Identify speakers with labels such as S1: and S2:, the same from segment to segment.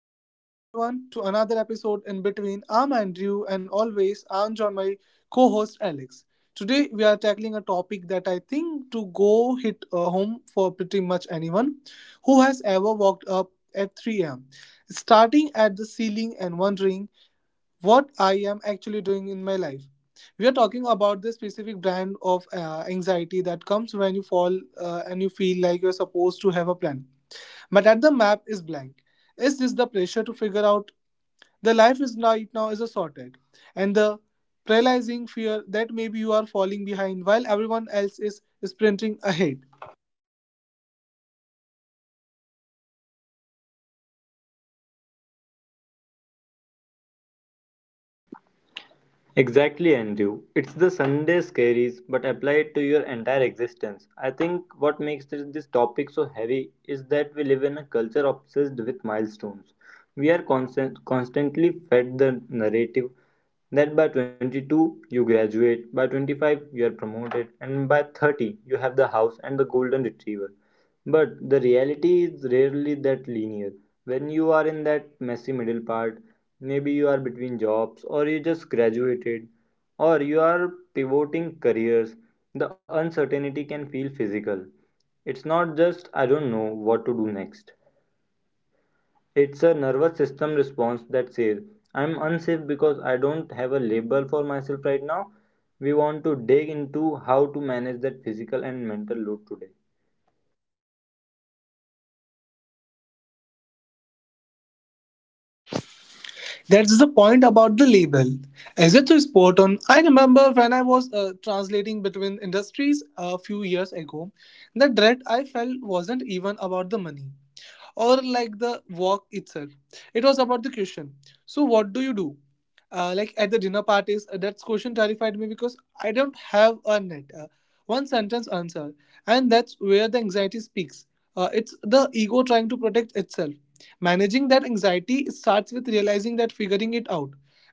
S1: Welcome back, everyone, to another episode in between. I'm Andrew, and always I'm joined by co host Alex. Today, we are tackling a topic that I think to go hit home for pretty much anyone who has ever walked up at 3 a.m., starting at the ceiling and wondering what I am actually doing in my life. We are talking about the specific brand of anxiety that comes when you fall and you feel like you're supposed to have a plan, but at the map is blank. Is this the pressure to figure out the life is right now is a sorted, and the paralyzing fear that maybe you are falling behind while everyone else is sprinting ahead?
S2: Exactly, Andrew. It's the Sunday scaries, but applied to your entire existence. I think what makes this topic so heavy is that we live in a culture obsessed with milestones. We are constantly fed the narrative that by 22 you graduate, by 25 you are promoted, and by 30 you have the house and the golden retriever. But the reality is rarely that linear. When you are in that messy middle part, maybe you are between jobs, or you just graduated, or you are pivoting careers, the uncertainty can feel physical. It's not just I don't know what to do next. It's a nervous system response that says, I'm unsafe because I don't have a label for myself right now. We want to dig into how to manage that physical and mental load today.
S1: That's the point about the label. As it's a on, I remember when I was translating between industries a few years ago, the dread I felt wasn't even about the money or like the walk itself. It was about the question. So what do you do? Like at the dinner parties, that question terrified me because I don't have a net, one sentence answer, and that's where the anxiety speaks. It's the ego trying to protect itself. Managing that anxiety starts with realizing that figuring it out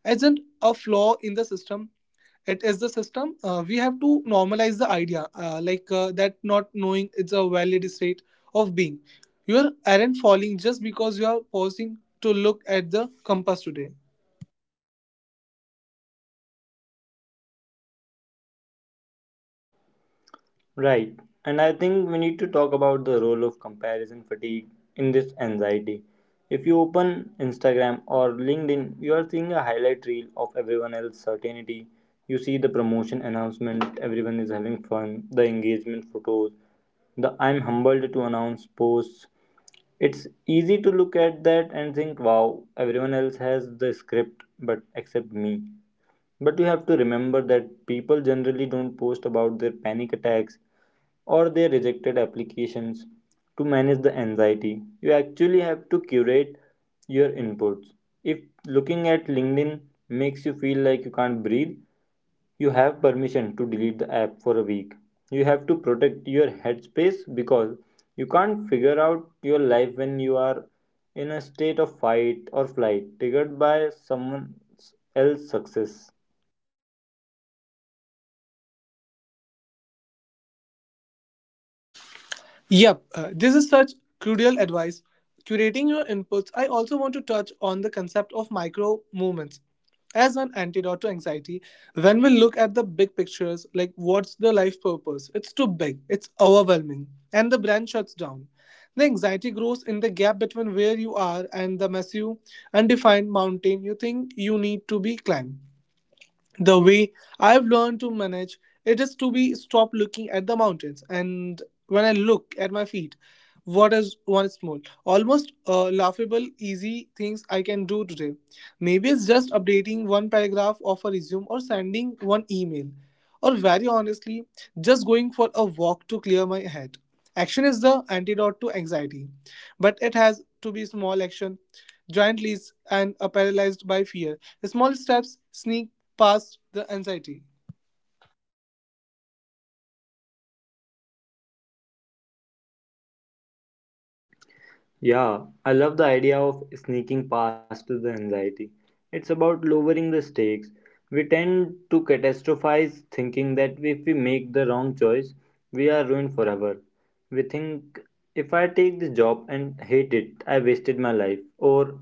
S1: isn't a flaw in the system. It is the system. We have to normalize the idea that not knowing it's a valid state of being. You aren't falling just because you are pausing to look at the compass today.
S2: Right. And I think we need to talk about the role of comparison fatigue in this anxiety. If you open Instagram or LinkedIn, you are seeing a highlight reel of everyone else's certainty. You see the promotion announcement, everyone is having fun, the engagement photos, the I'm humbled to announce posts. It's easy to look at that and think, wow, everyone else has the script, but except me. But you have to remember that people generally don't post about their panic attacks or they rejected applications. To manage the anxiety, you actually have to curate your inputs. If looking at LinkedIn makes you feel like you can't breathe, you have permission to delete the app for a week. You have to protect your headspace because you can't figure out your life when you are in a state of fight or flight triggered by someone else's success.
S1: Yep, this is such crucial advice. Curating your inputs, I also want to touch on the concept of micro movements as an antidote to anxiety. When we look at the big pictures, like what's the life purpose? It's too big, it's overwhelming, and the brain shuts down. The anxiety grows in the gap between where you are and the massive, undefined mountain you think you need to be climbed. The way I've learned to manage it is to be stop looking at the mountains and when I look at my feet, what is one small, almost laughable, easy things I can do today? Maybe it's just updating one paragraph of a resume or sending one email, or very honestly, just going for a walk to clear my head. Action is the antidote to anxiety, but it has to be small action. Giant leaps and paralyzed by fear. Small steps sneak past the anxiety.
S2: Yeah, I love the idea of sneaking past the anxiety. It's about lowering the stakes. We tend to catastrophize, thinking that if we make the wrong choice, we are ruined forever. We think if I take this job and hate it, I wasted my life. Or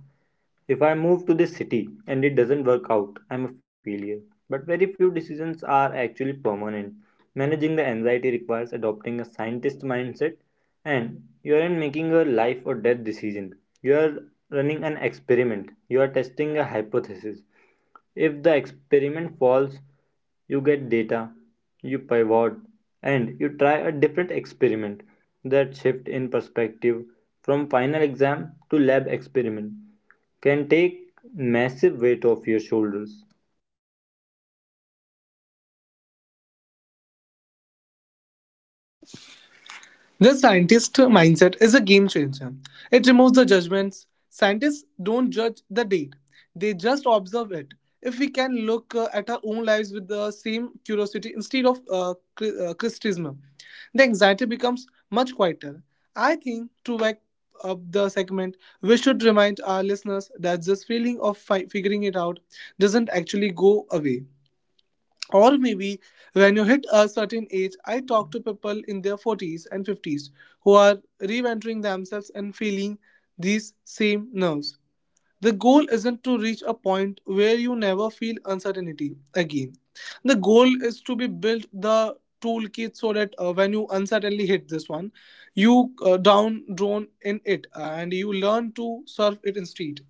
S2: if I move to this city and it doesn't work out, I'm a failure. But very few decisions are actually permanent. Managing the anxiety requires adopting a scientist mindset, and you aren't making a life or death decision. You are running an experiment, you are testing a hypothesis. If the experiment falls, you get data, you pivot, and you try a different experiment. That shift in perspective from final exam to lab experiment can take massive weight off your shoulders.
S1: The scientist mindset is a game changer. It removes the judgments. Scientists don't judge the date, they just observe it. If we can look at our own lives with the same curiosity instead of criticism, the anxiety becomes much quieter. I think to wrap up the segment, we should remind our listeners that this feeling of figuring it out doesn't actually go away. Or maybe when you hit a certain age, I talk to people in their 40s and 50s who are reinventing themselves and feeling these same nerves. The goal isn't to reach a point where you never feel uncertainty again. The goal is to be built the toolkit so that when you uncertainly hit this one, you down drone in it and you learn to surf it instead.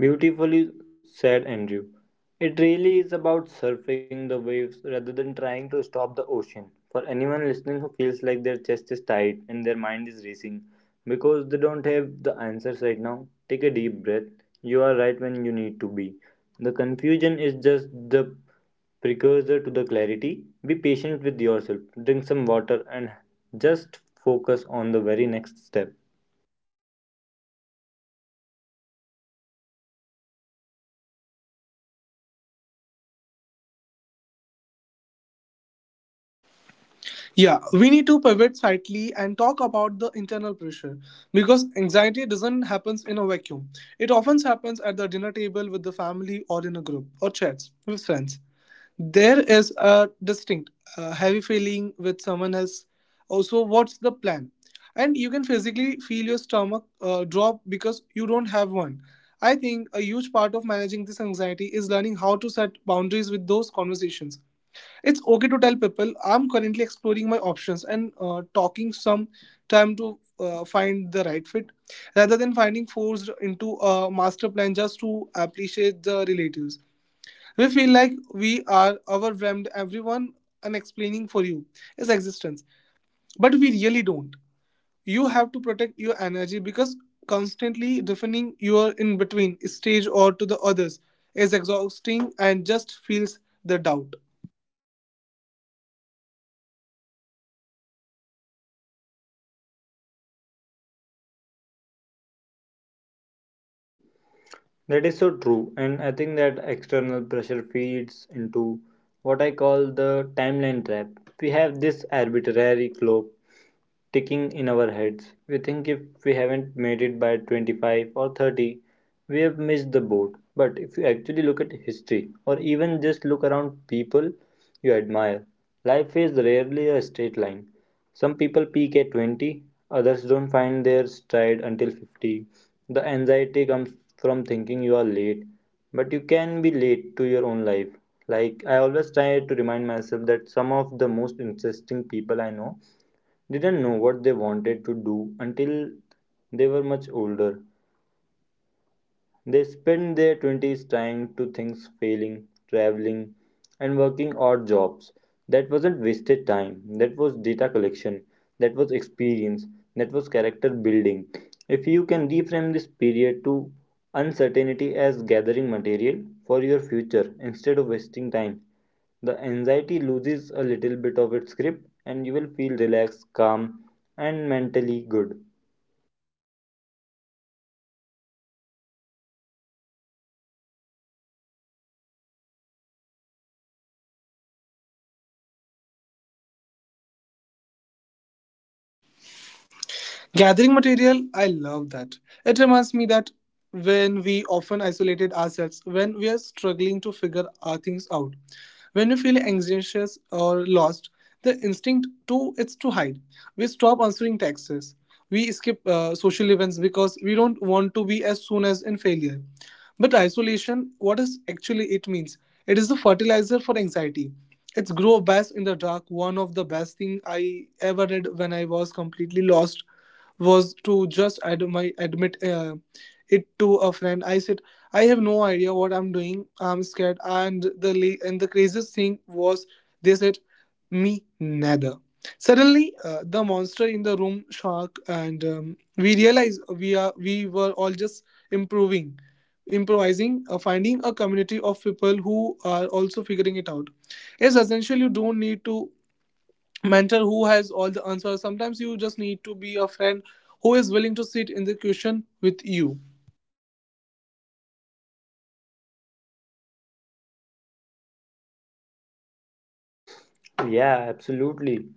S2: Beautifully said, Andrew. It really is about surfing the waves rather than trying to stop the ocean. For anyone listening who feels like their chest is tight and their mind is racing because they don't have the answers right now, take a deep breath. You are right when you need to be. The confusion is just the precursor to the clarity. Be patient with yourself, drink some water, and just focus on the very next step.
S1: Yeah, we need to pivot slightly and talk about the internal pressure because anxiety doesn't happen in a vacuum. It often happens at the dinner table with the family or in a group or chats with friends. There is a distinct heavy feeling with someone else. Also, what's the plan? And you can physically feel your stomach drop because you don't have one. I think a huge part of managing this anxiety is learning how to set boundaries with those conversations. It's okay to tell people I'm currently exploring my options and talking some time to find the right fit rather than finding forced into a master plan just to appreciate the relatives. We feel like we are overwhelmed everyone and explaining for you is existence, but we really don't. You have to protect your energy because constantly defining your in between stage or to the others is exhausting and just feels the doubt.
S2: That is so true, and I think that external pressure feeds into what I call the timeline trap. We have this arbitrary clock ticking in our heads. We think if we haven't made it by 25 or 30, we have missed the boat. But if you actually look at history or even just look around people you admire, life is rarely a straight line. Some people peak at 20, others don't find their stride until 50. The anxiety comes from thinking you are late, but you can be late to your own life. Like, I always try to remind myself that some of the most interesting people I know didn't know what they wanted to do until they were much older. They spent their 20s trying to things, failing, traveling, and working odd jobs. That wasn't wasted time, that was data collection, that was experience, that was character building. If you can reframe this period to uncertainty as gathering material for your future instead of wasting time, the anxiety loses a little bit of its grip and you will feel relaxed, calm, and mentally good.
S1: Gathering material, I love that. It reminds me that when we often isolated ourselves, when we are struggling to figure our things out, when we feel anxious or lost, the instinct to it's to hide. We stop answering texts. We skip social events because we don't want to be as soon as in failure. But isolation, what is actually it means? It is the fertilizer for anxiety. It's grow best in the dark. One of the best thing I ever did when I was completely lost was to just my admit it to a friend. I said, I have no idea what I'm doing. I'm scared. And the craziest thing was they said, me neither. Suddenly, the monster in the room shock, and we realized we were all just improving, improvising, finding a community of people who are also figuring it out. It's essential. You don't need to mentor who has all the answers. Sometimes you just need to be a friend who is willing to sit in the question with you.
S2: Yeah, absolutely.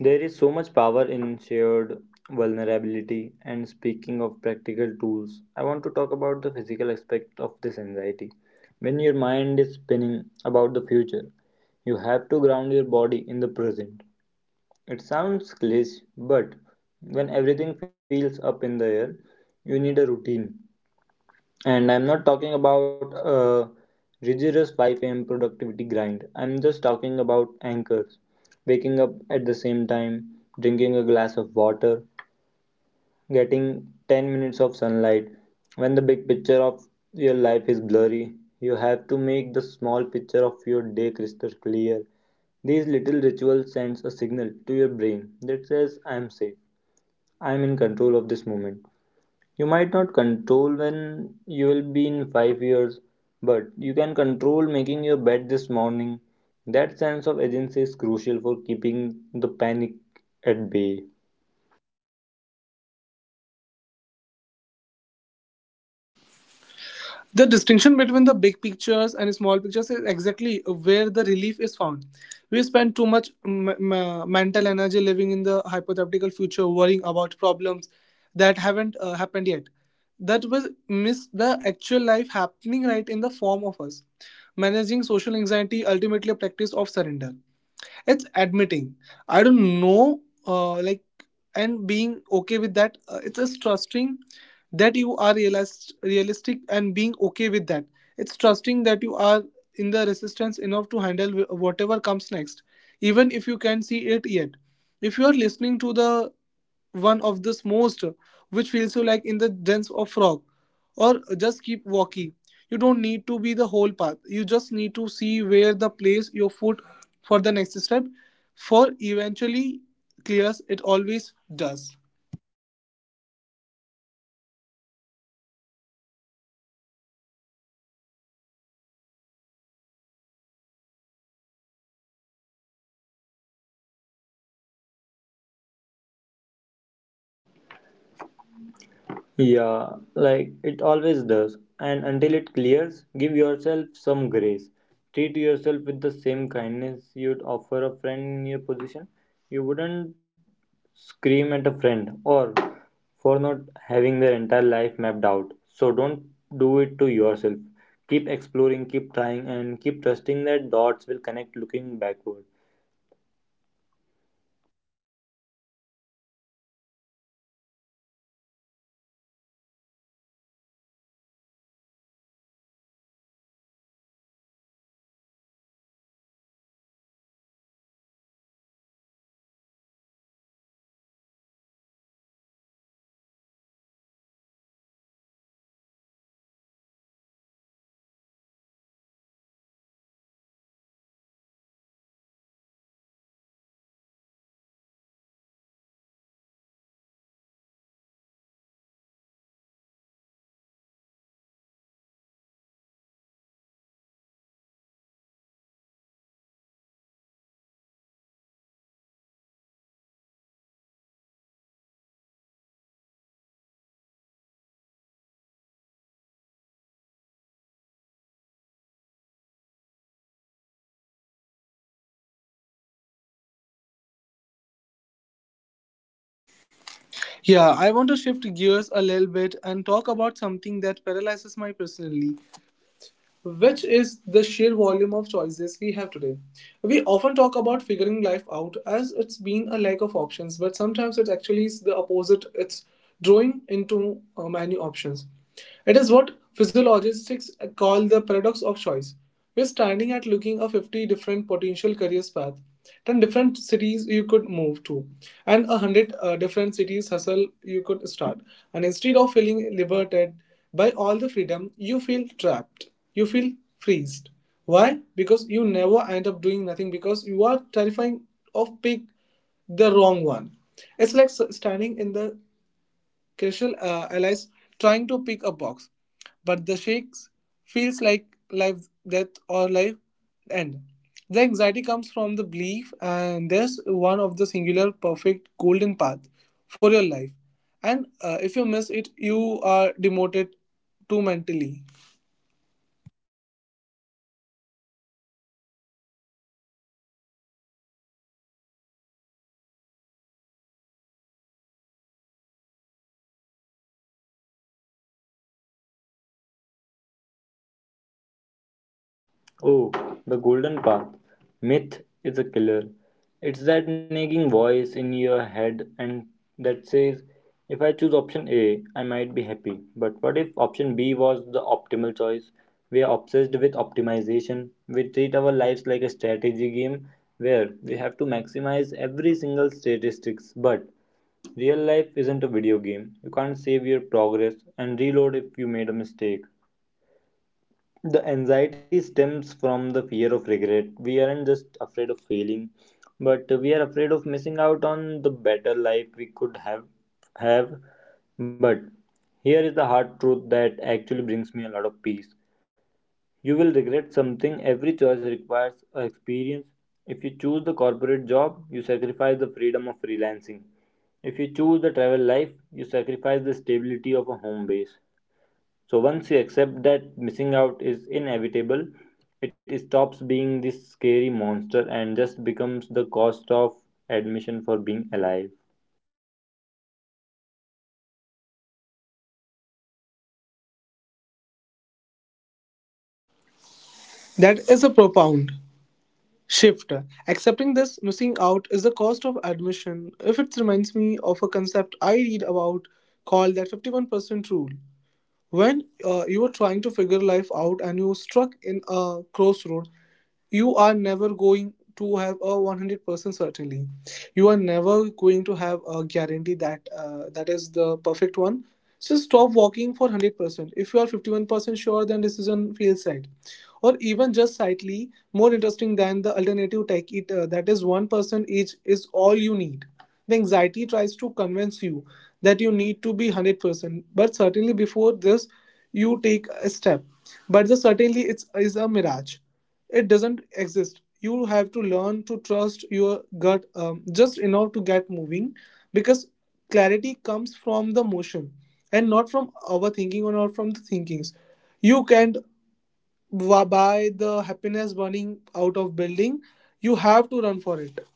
S2: There is so much power in shared vulnerability. And speaking of practical tools, I want to talk about the physical aspect of this anxiety. When your mind is spinning about the future, you have to ground your body in the present. It sounds cliché, but when everything feels up in the air, you need a routine. And I'm not talking about a rigorous 5 a.m. productivity grind. I'm just talking about anchors. Waking up at the same time, drinking a glass of water, getting 10 minutes of sunlight. When the big picture of your life is blurry, you have to make the small picture of your day crystal clear. These little rituals sends a signal to your brain that says I am safe. I am in control of this moment. You might not control when you'll be in 5 years, but you can control making your bed this morning. That sense of agency is crucial for keeping the panic at bay.
S1: The distinction between the big pictures and small pictures is exactly where the relief is found. We spend too much mental energy living in the hypothetical future, worrying about problems that haven't happened yet. That will miss the actual life happening right in the form of us. Managing social anxiety ultimately a practice of surrender. It's admitting I don't know, uh, like and being okay with that. It's just trusting that you are realistic and being okay with that. It's trusting that you are in the resistance enough to handle whatever comes next, even if you can not see it yet. If you are listening to the one of this most which feels you like in the dance of frog or just keep walking, you don't need to be the whole path. You just need to see where the place your foot for the next step. For eventually clears, it always does.
S2: Yeah, like it always does. And until it clears, give yourself some grace. Treat yourself with the same kindness you'd offer a friend in your position. You wouldn't scream at a friend or for not having their entire life mapped out. So don't do it to yourself. Keep exploring, keep trying, and keep trusting that dots will connect looking backward.
S1: Yeah, I want to shift gears a little bit and talk about something that paralyzes my personally, which is the sheer volume of choices we have today. We often talk about figuring life out as it's been a lack of options, but sometimes it actually is the opposite. It's drawing into many options. It is what physiologists call the paradox of choice. We're standing at looking at 50 different potential careers path, 10 different cities you could move to, and a 100 different cities hustle you could start. And instead of feeling liberated by all the freedom, you feel trapped. You feel freezed. Why? Because you never end up doing nothing because you are terrifying of pick the wrong one. It's like standing in the crucial allies trying to pick a box, but the shakes feels like life death or life end. The anxiety comes from the belief, and there's one of the singular, perfect, golden path for your life. And if you miss it, you are demoted to mentally.
S2: Oh, the golden path. Myth is a killer. It's that nagging voice in your head and that says, if I choose option A, I might be happy. But what if option B was the optimal choice? We are obsessed with optimization. We treat our lives like a strategy game where we have to maximize every single statistics. But real life isn't a video game. You can't save your progress and reload if you made a mistake. The anxiety stems from the fear of regret. We aren't just afraid of failing, but we are afraid of missing out on the better life we could have. But here is the hard truth that actually brings me a lot of peace. You will regret something. Every choice requires a experience. If you choose the corporate job, you sacrifice the freedom of freelancing. If you choose the travel life, you sacrifice the stability of a home base. So once you accept that missing out is inevitable, it stops being this scary monster and just becomes the cost of admission for being alive.
S1: That is a profound shift. Accepting this missing out is the cost of admission. If it reminds me of a concept I read about called that 51% rule. When you were trying to figure life out and you are struck in a crossroad, you are never going to have a 100% certainty. You are never going to have a guarantee that that is the perfect one. So stop walking for 100%. If you are 51% sure then decision feels right, or even just slightly more interesting than the alternative, take it. That is 1% each is all you need. The anxiety tries to convince you that you need to be 100%, but certainly before this you take a step. But the certainly it's is a mirage. It doesn't exist. You have to learn to trust your gut just enough to get moving, because clarity comes from the motion and not from our thinking or not from the thinkings. You can't buy the happiness burning out of building. You have to run for it.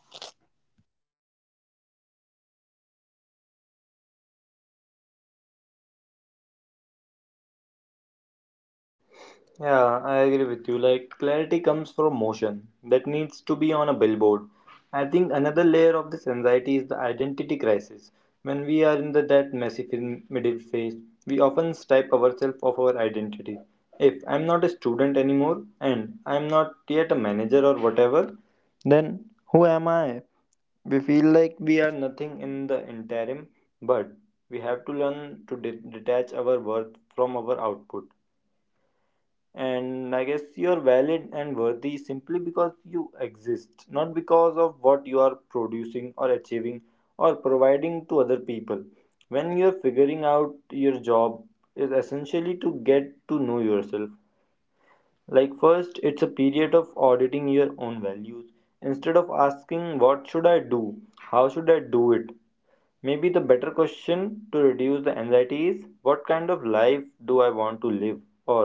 S2: Yeah, I agree with you. Like, clarity comes from motion that needs to be on a billboard. I think another layer of this anxiety is the identity crisis. When we are that messy middle phase, we often strip ourselves of our identity. If I'm not a student anymore and I'm not yet a manager or whatever, then who am I? We feel like we are nothing in the interim, but we have to learn to detach our worth from our output. And I guess you are valid and worthy simply because you exist, not because of what you are producing or achieving or providing to other people. When you are figuring out, your job is essentially to get to know yourself. Like, first it's a period of auditing your own values. Instead of asking what should I do, how should I do it, maybe the better question to reduce the anxiety is, what kind of life do I want to live, or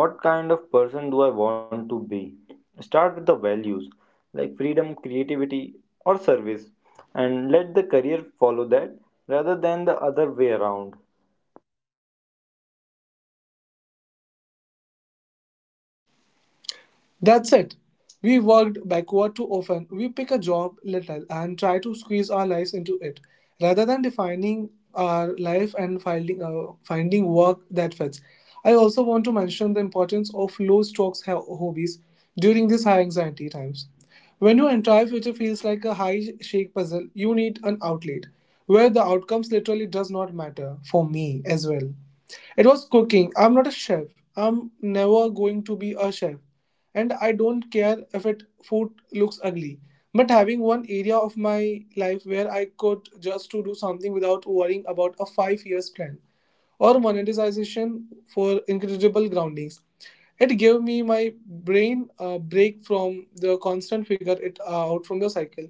S2: what kind of person do I want to be? Start with the values like freedom, creativity, or service, and let the career follow that rather than the other way around.
S1: That's it. We worked backward too often. We pick a job little and try to squeeze our lives into it, rather than defining our life and finding work that fits. I also want to mention the importance of low strokes hobbies during these high anxiety times. When your entire future feels like a high shake puzzle, you need an outlet where the outcomes literally does not matter for me as well. It was cooking. I'm not a chef. I'm never going to be a chef, and I don't care if it food looks ugly. But having one area of my life where I could just to do something without worrying about a 5 years plan or monetization for incredible groundings. It gave me my brain a break from the constant figure it out from the cycle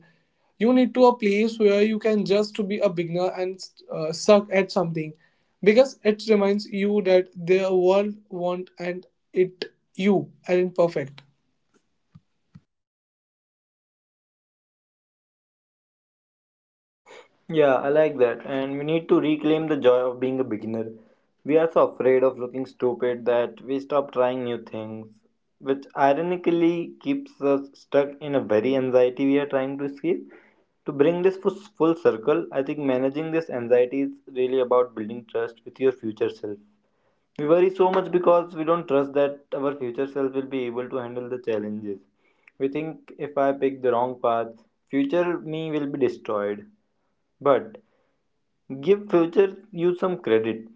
S1: you need to a place where you can just to be a beginner and suck at something because it reminds you that the world want and it you aren't perfect.
S2: Yeah, I like that. And we need to reclaim the joy of being a beginner. We are so afraid of looking stupid that we stop trying new things, which ironically keeps us stuck in a very anxiety we are trying to escape. To bring this full circle, I think managing this anxiety is really about building trust with your future self. We worry so much because we don't trust that our future self will be able to handle the challenges. We think if I pick the wrong path, future me will be destroyed. But give future you some credit.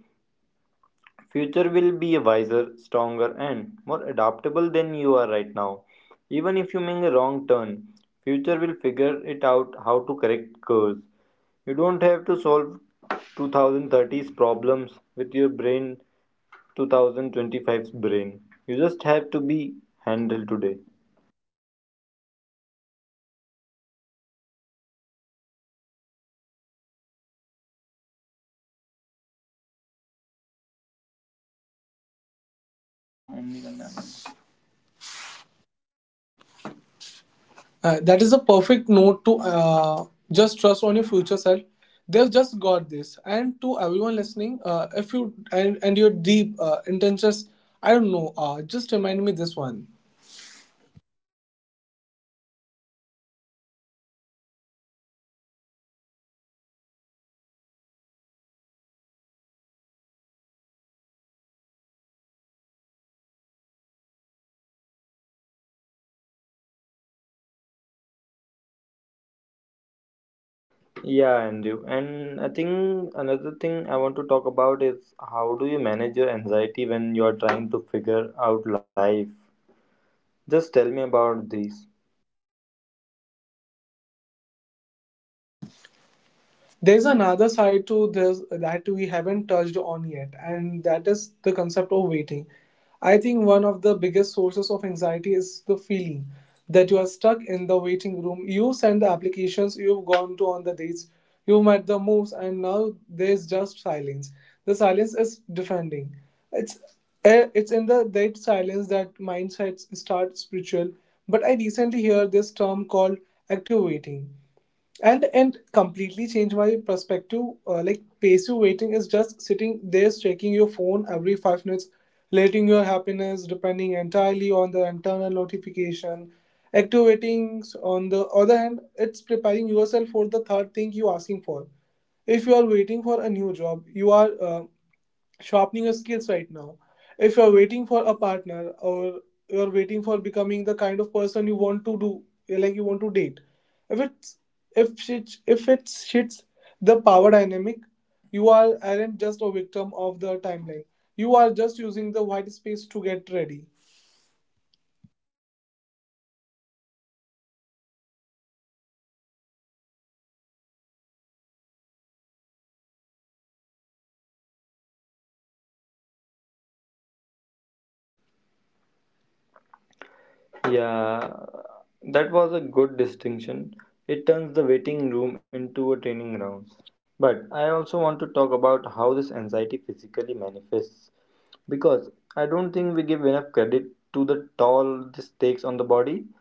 S2: Future will be wiser, stronger, and more adaptable than you are right now. Even if you make a wrong turn, future will figure it out how to correct course. You don't have to solve 2030's problems with your brain, 2025's brain. You just have to be handled today.
S1: That is a perfect note to just trust on your future self. They've just got this. And to everyone listening, if you and your deep intentions, I don't know, just remind me this one.
S2: Yeah, Andrew. And I think another thing I want to talk about is how do you manage your anxiety when you are trying to figure out life? Just tell me about these.
S1: There's another side to this that we haven't touched on yet, and that is the concept of waiting. I think one of the biggest sources of anxiety is the feeling that you are stuck in the waiting room. You send the applications, you've gone to on the dates, you met the moves, and now there's just silence. The silence is defending. It's it's in the that silence that mindsets start spiritual. But I recently heard this term called active waiting, and completely changed my perspective. Like passive waiting is just sitting there checking your phone every 5 minutes, letting your happiness depending entirely on the internal notification. Active waiting, on the other hand, it's preparing yourself for the third thing you asking for. If you are waiting for a new job, you are sharpening your skills right now. If you're waiting for a partner, or you're waiting for becoming the kind of person you want to do, like you want to date, if it's if it shits the power dynamic, you are aren't just a victim of the timeline. You are just using the white space to get ready.
S2: Yeah, that was a good distinction. It turns the waiting room into a training ground. But I also want to talk about how this anxiety physically manifests because I don't think we give enough credit to the toll this takes on the body.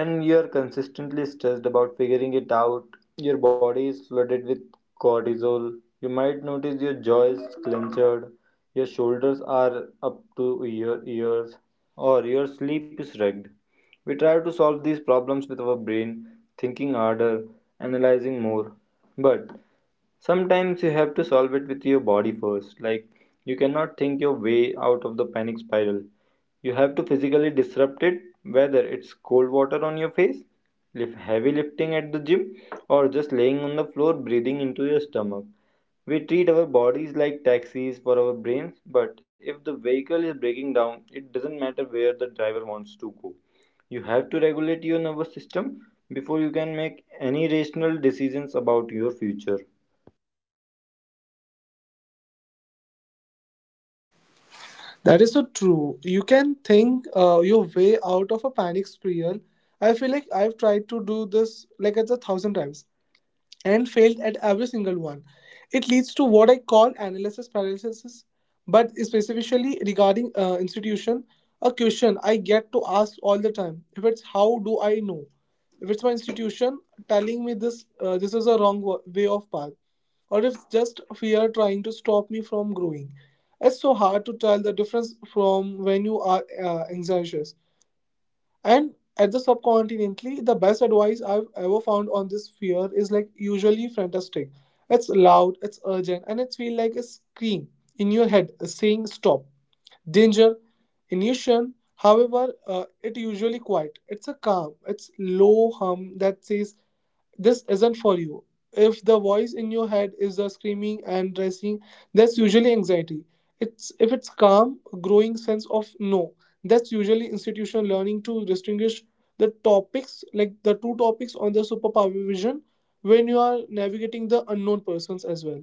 S2: When you're consistently stressed about figuring it out, your body is flooded with cortisol. You might notice your jaws clenched, your shoulders are up to your ears, or your sleep is wrecked. We try to solve these problems with our brain, thinking harder, analyzing more. But Sometimes you have to solve it with your body first. Like, you cannot think your way out of the panic spiral. You have to physically disrupt it, whether it's cold water on your face, heavy lifting at the gym, or just laying on the floor breathing into your stomach. We treat our bodies like taxis for our brains, but if the vehicle is breaking down, it doesn't matter where the driver wants to go. You have to regulate your nervous system before you can make any rational decisions about your future.
S1: That is so true. You can think your way out of a panic spiral. I feel like I've tried to do this like it's a thousand times and failed at every single one. It leads to what I call analysis paralysis, but specifically regarding institution, a question I get to ask all the time. If it's, how do I know? If it's my institution telling me this, this is a wrong way of path, or if it's just fear trying to stop me from growing. It's so hard to tell the difference from when you are anxious, and at the subcontinentally, the best advice I've ever found on this fear is like usually fantastic. It's loud, it's urgent, and it feels like a scream in your head saying stop. Danger, intuition, however, it usually quiet. It's a calm, it's low hum that says this isn't for you. If the voice in your head is the screaming and dressing, that's usually anxiety. It's if it's calm, growing sense of no. That's usually institutional learning to distinguish the topics, like the two topics on the superpower vision, when you are navigating the unknown persons as well.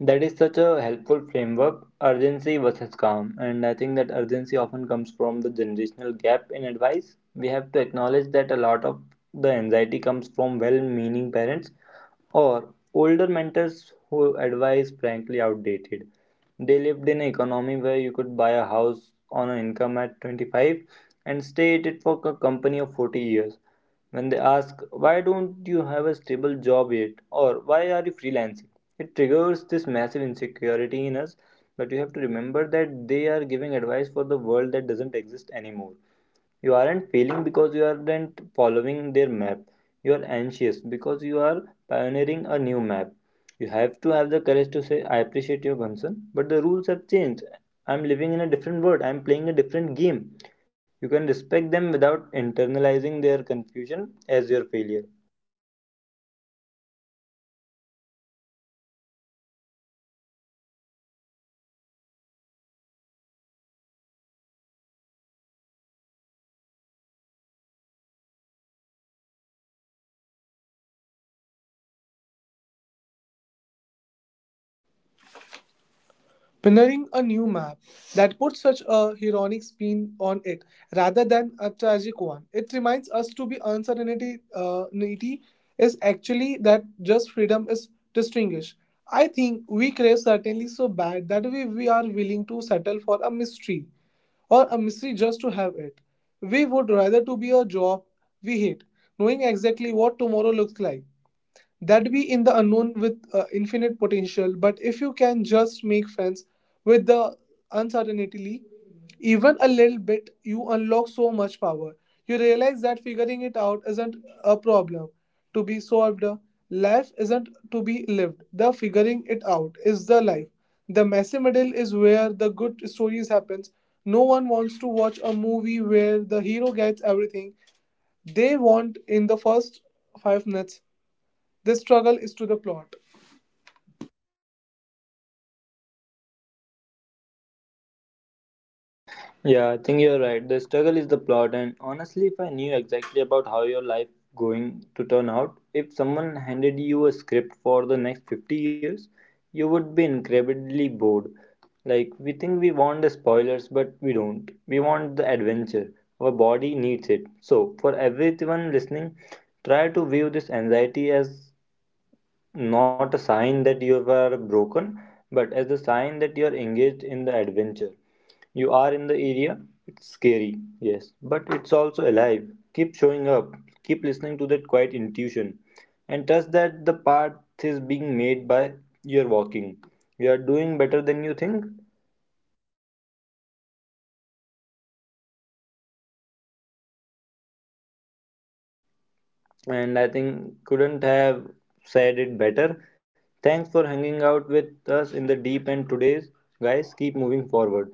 S2: That is such a helpful framework, urgency versus calm. And I think that urgency often comes from the generational gap in advice. We have to acknowledge that a lot of the anxiety comes from well meaning parents or older mentors who advise frankly outdated. They lived in an economy where you could buy a house on an income at 25 and stay at it for a company of 40 years. When they ask, why don't you have a stable job yet? Or why are you freelancing? It triggers this massive insecurity in us, but you have to remember that they are giving advice for the world that doesn't exist anymore. You aren't failing because you aren't following their map. You are anxious because you are pioneering a new map. You have to have the courage to say, I appreciate your concern, but the rules have changed. I'm living in a different world. I'm playing a different game. You can respect them without internalizing their confusion as your failure.
S1: Pioneering a new map, that puts such a heroic spin on it rather than a tragic one. It reminds us to be uncertainty nity is actually that just freedom is distinguished. I think we crave certainly so bad that we are willing to settle for a mystery or a mystery just to have it. We would rather to be a job we hate, knowing exactly what tomorrow looks like that be in the unknown with infinite potential. But if you can just make friends with the uncertainty even a little bit, you unlock so much power. You realize that figuring it out isn't a problem to be solved. Life isn't to be lived, the figuring it out is the life. The messy middle is where the good stories happens. No one wants to watch a movie where the hero gets everything they want in the first 5 minutes. This struggle is to the plot.
S2: Yeah, I think you're right. The struggle is the plot, and honestly, if I knew exactly about how your life going to turn out, if someone handed you a script for the next 50 years, you would be incredibly bored. Like, we think we want the spoilers, but we don't. We want the adventure. Our body needs it. So, for everyone listening, try to view this anxiety as not a sign that you are broken, but as the sign that you are engaged in the adventure. You are in the area. It's scary, yes, but it's also alive. Keep showing up. Keep listening to that quiet intuition. And trust that the path is being made by your walking. You are doing better than you think. And I think couldn't have said it better. Thanks for hanging out with us in the deep end today's. Guys, keep moving forward.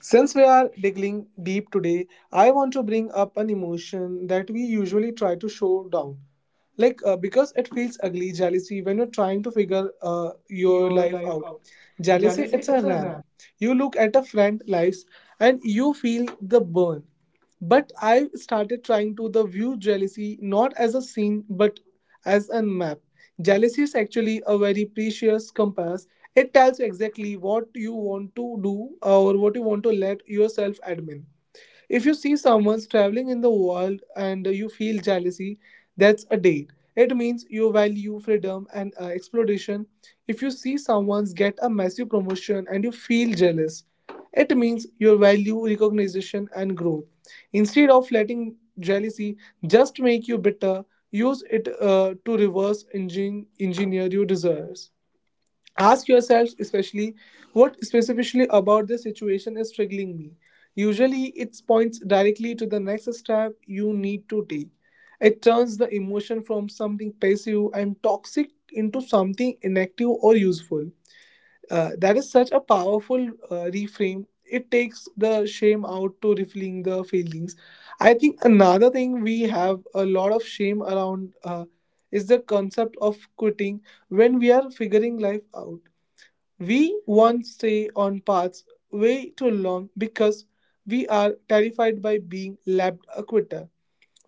S1: Since we are digging deep today, I want to bring up an emotion that we usually try to show down. Like, because it feels ugly, jealousy, when you're trying to figure
S2: Your
S1: your
S2: life
S1: life
S2: out.
S1: out.
S2: Jealousy,
S1: Jealousy,
S2: it's
S1: it's
S2: a
S1: a
S2: ram.
S1: ram. You look at a friend' lives and you feel the burn. But I started trying to the view jealousy not as a scene but as a map. Jealousy is actually a very precious compass. It tells you exactly what you want to do or what you want to let yourself admin. If you see someone's traveling in the world and you feel jealousy, that's a date. It means you value freedom and exploration. If you see someone's get a massive promotion and you feel jealous, it means you value recognition and growth. Instead of letting jealousy just make you bitter, use it to reverse engineer your desires. Ask yourself especially, what specifically about this situation is triggering me. Usually, it points directly to the next step you need to take. It turns the emotion from something passive and toxic into something inactive or useful. That is such a powerful reframe. It takes the shame out to revealing the feelings. I think another thing we have a lot of shame around, is the concept of quitting. When we are figuring life out, we once stay on paths way too long because we are terrified by being labeled a quitter.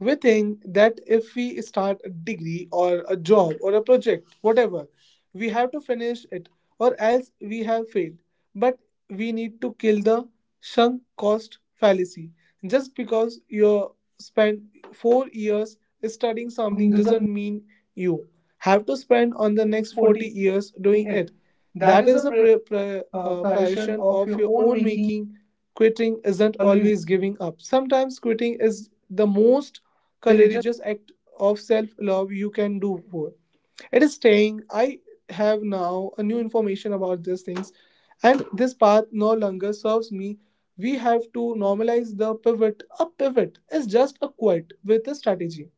S1: We think that if we start a degree or a job or a project, whatever, we have to finish it or else we have failed. But we need to kill the sunk cost fallacy. Just because you spend 4 years studying
S2: Something
S1: something
S2: result
S1: doesn't mean you have to spend on the
S2: is
S1: next
S2: 40
S1: 40 years
S2: doing
S1: doing
S2: it.
S1: it.
S2: That
S1: That
S2: is
S1: is
S2: a
S1: a pre- pre- uh,
S2: passion
S1: privation
S2: of
S1: of
S2: your
S1: your
S2: own
S1: own
S2: making
S1: making. Quitting
S2: and
S1: isn't
S2: always
S1: always giving up. Sometimes quitting is the most
S2: colorism.
S1: courageous act of self love you can do for. It is staying. I have now a new information about these things, and this path no longer serves me. We have to normalize the pivot. A pivot is just a quit with a strategy.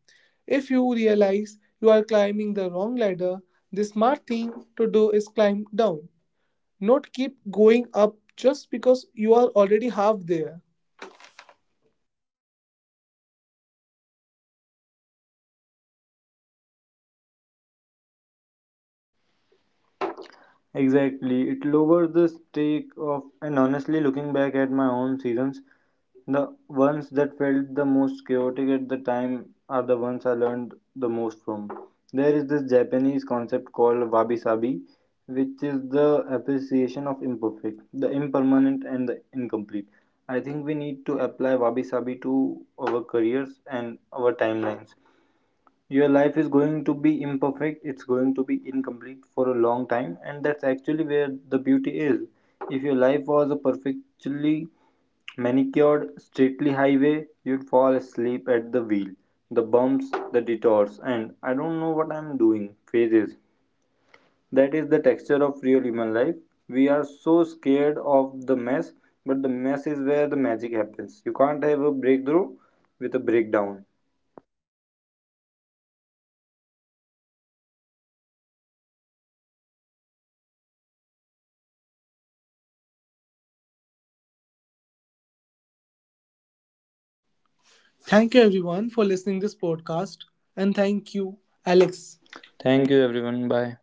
S1: If you realize you are climbing the wrong ladder, the smart thing to do is climb down, not keep going up just because you are already half there.
S2: Exactly, it lowers the stake of, and honestly, looking back at my own seasons, the ones that felt the most chaotic at the time are the ones I learned the most from. There is this Japanese concept called wabi sabi, which is the appreciation of imperfect, the impermanent, and the incomplete. I think we need to apply wabi sabi to our careers and our timelines. Your life is going to be imperfect, it's going to be incomplete for a long time, and that's actually where the beauty is. If your life was a perfectly manicured, straightly highway, you'd fall asleep at the wheel. The bumps, the detours, and I don't know what I'm doing phases. That is the texture of real human life. We are so scared of the mess, but the mess is where the magic happens. You can't have a breakthrough with a breakdown.
S1: Thank you everyone for listening this podcast, and thank you Alex.
S2: Thank you, everyone. Bye.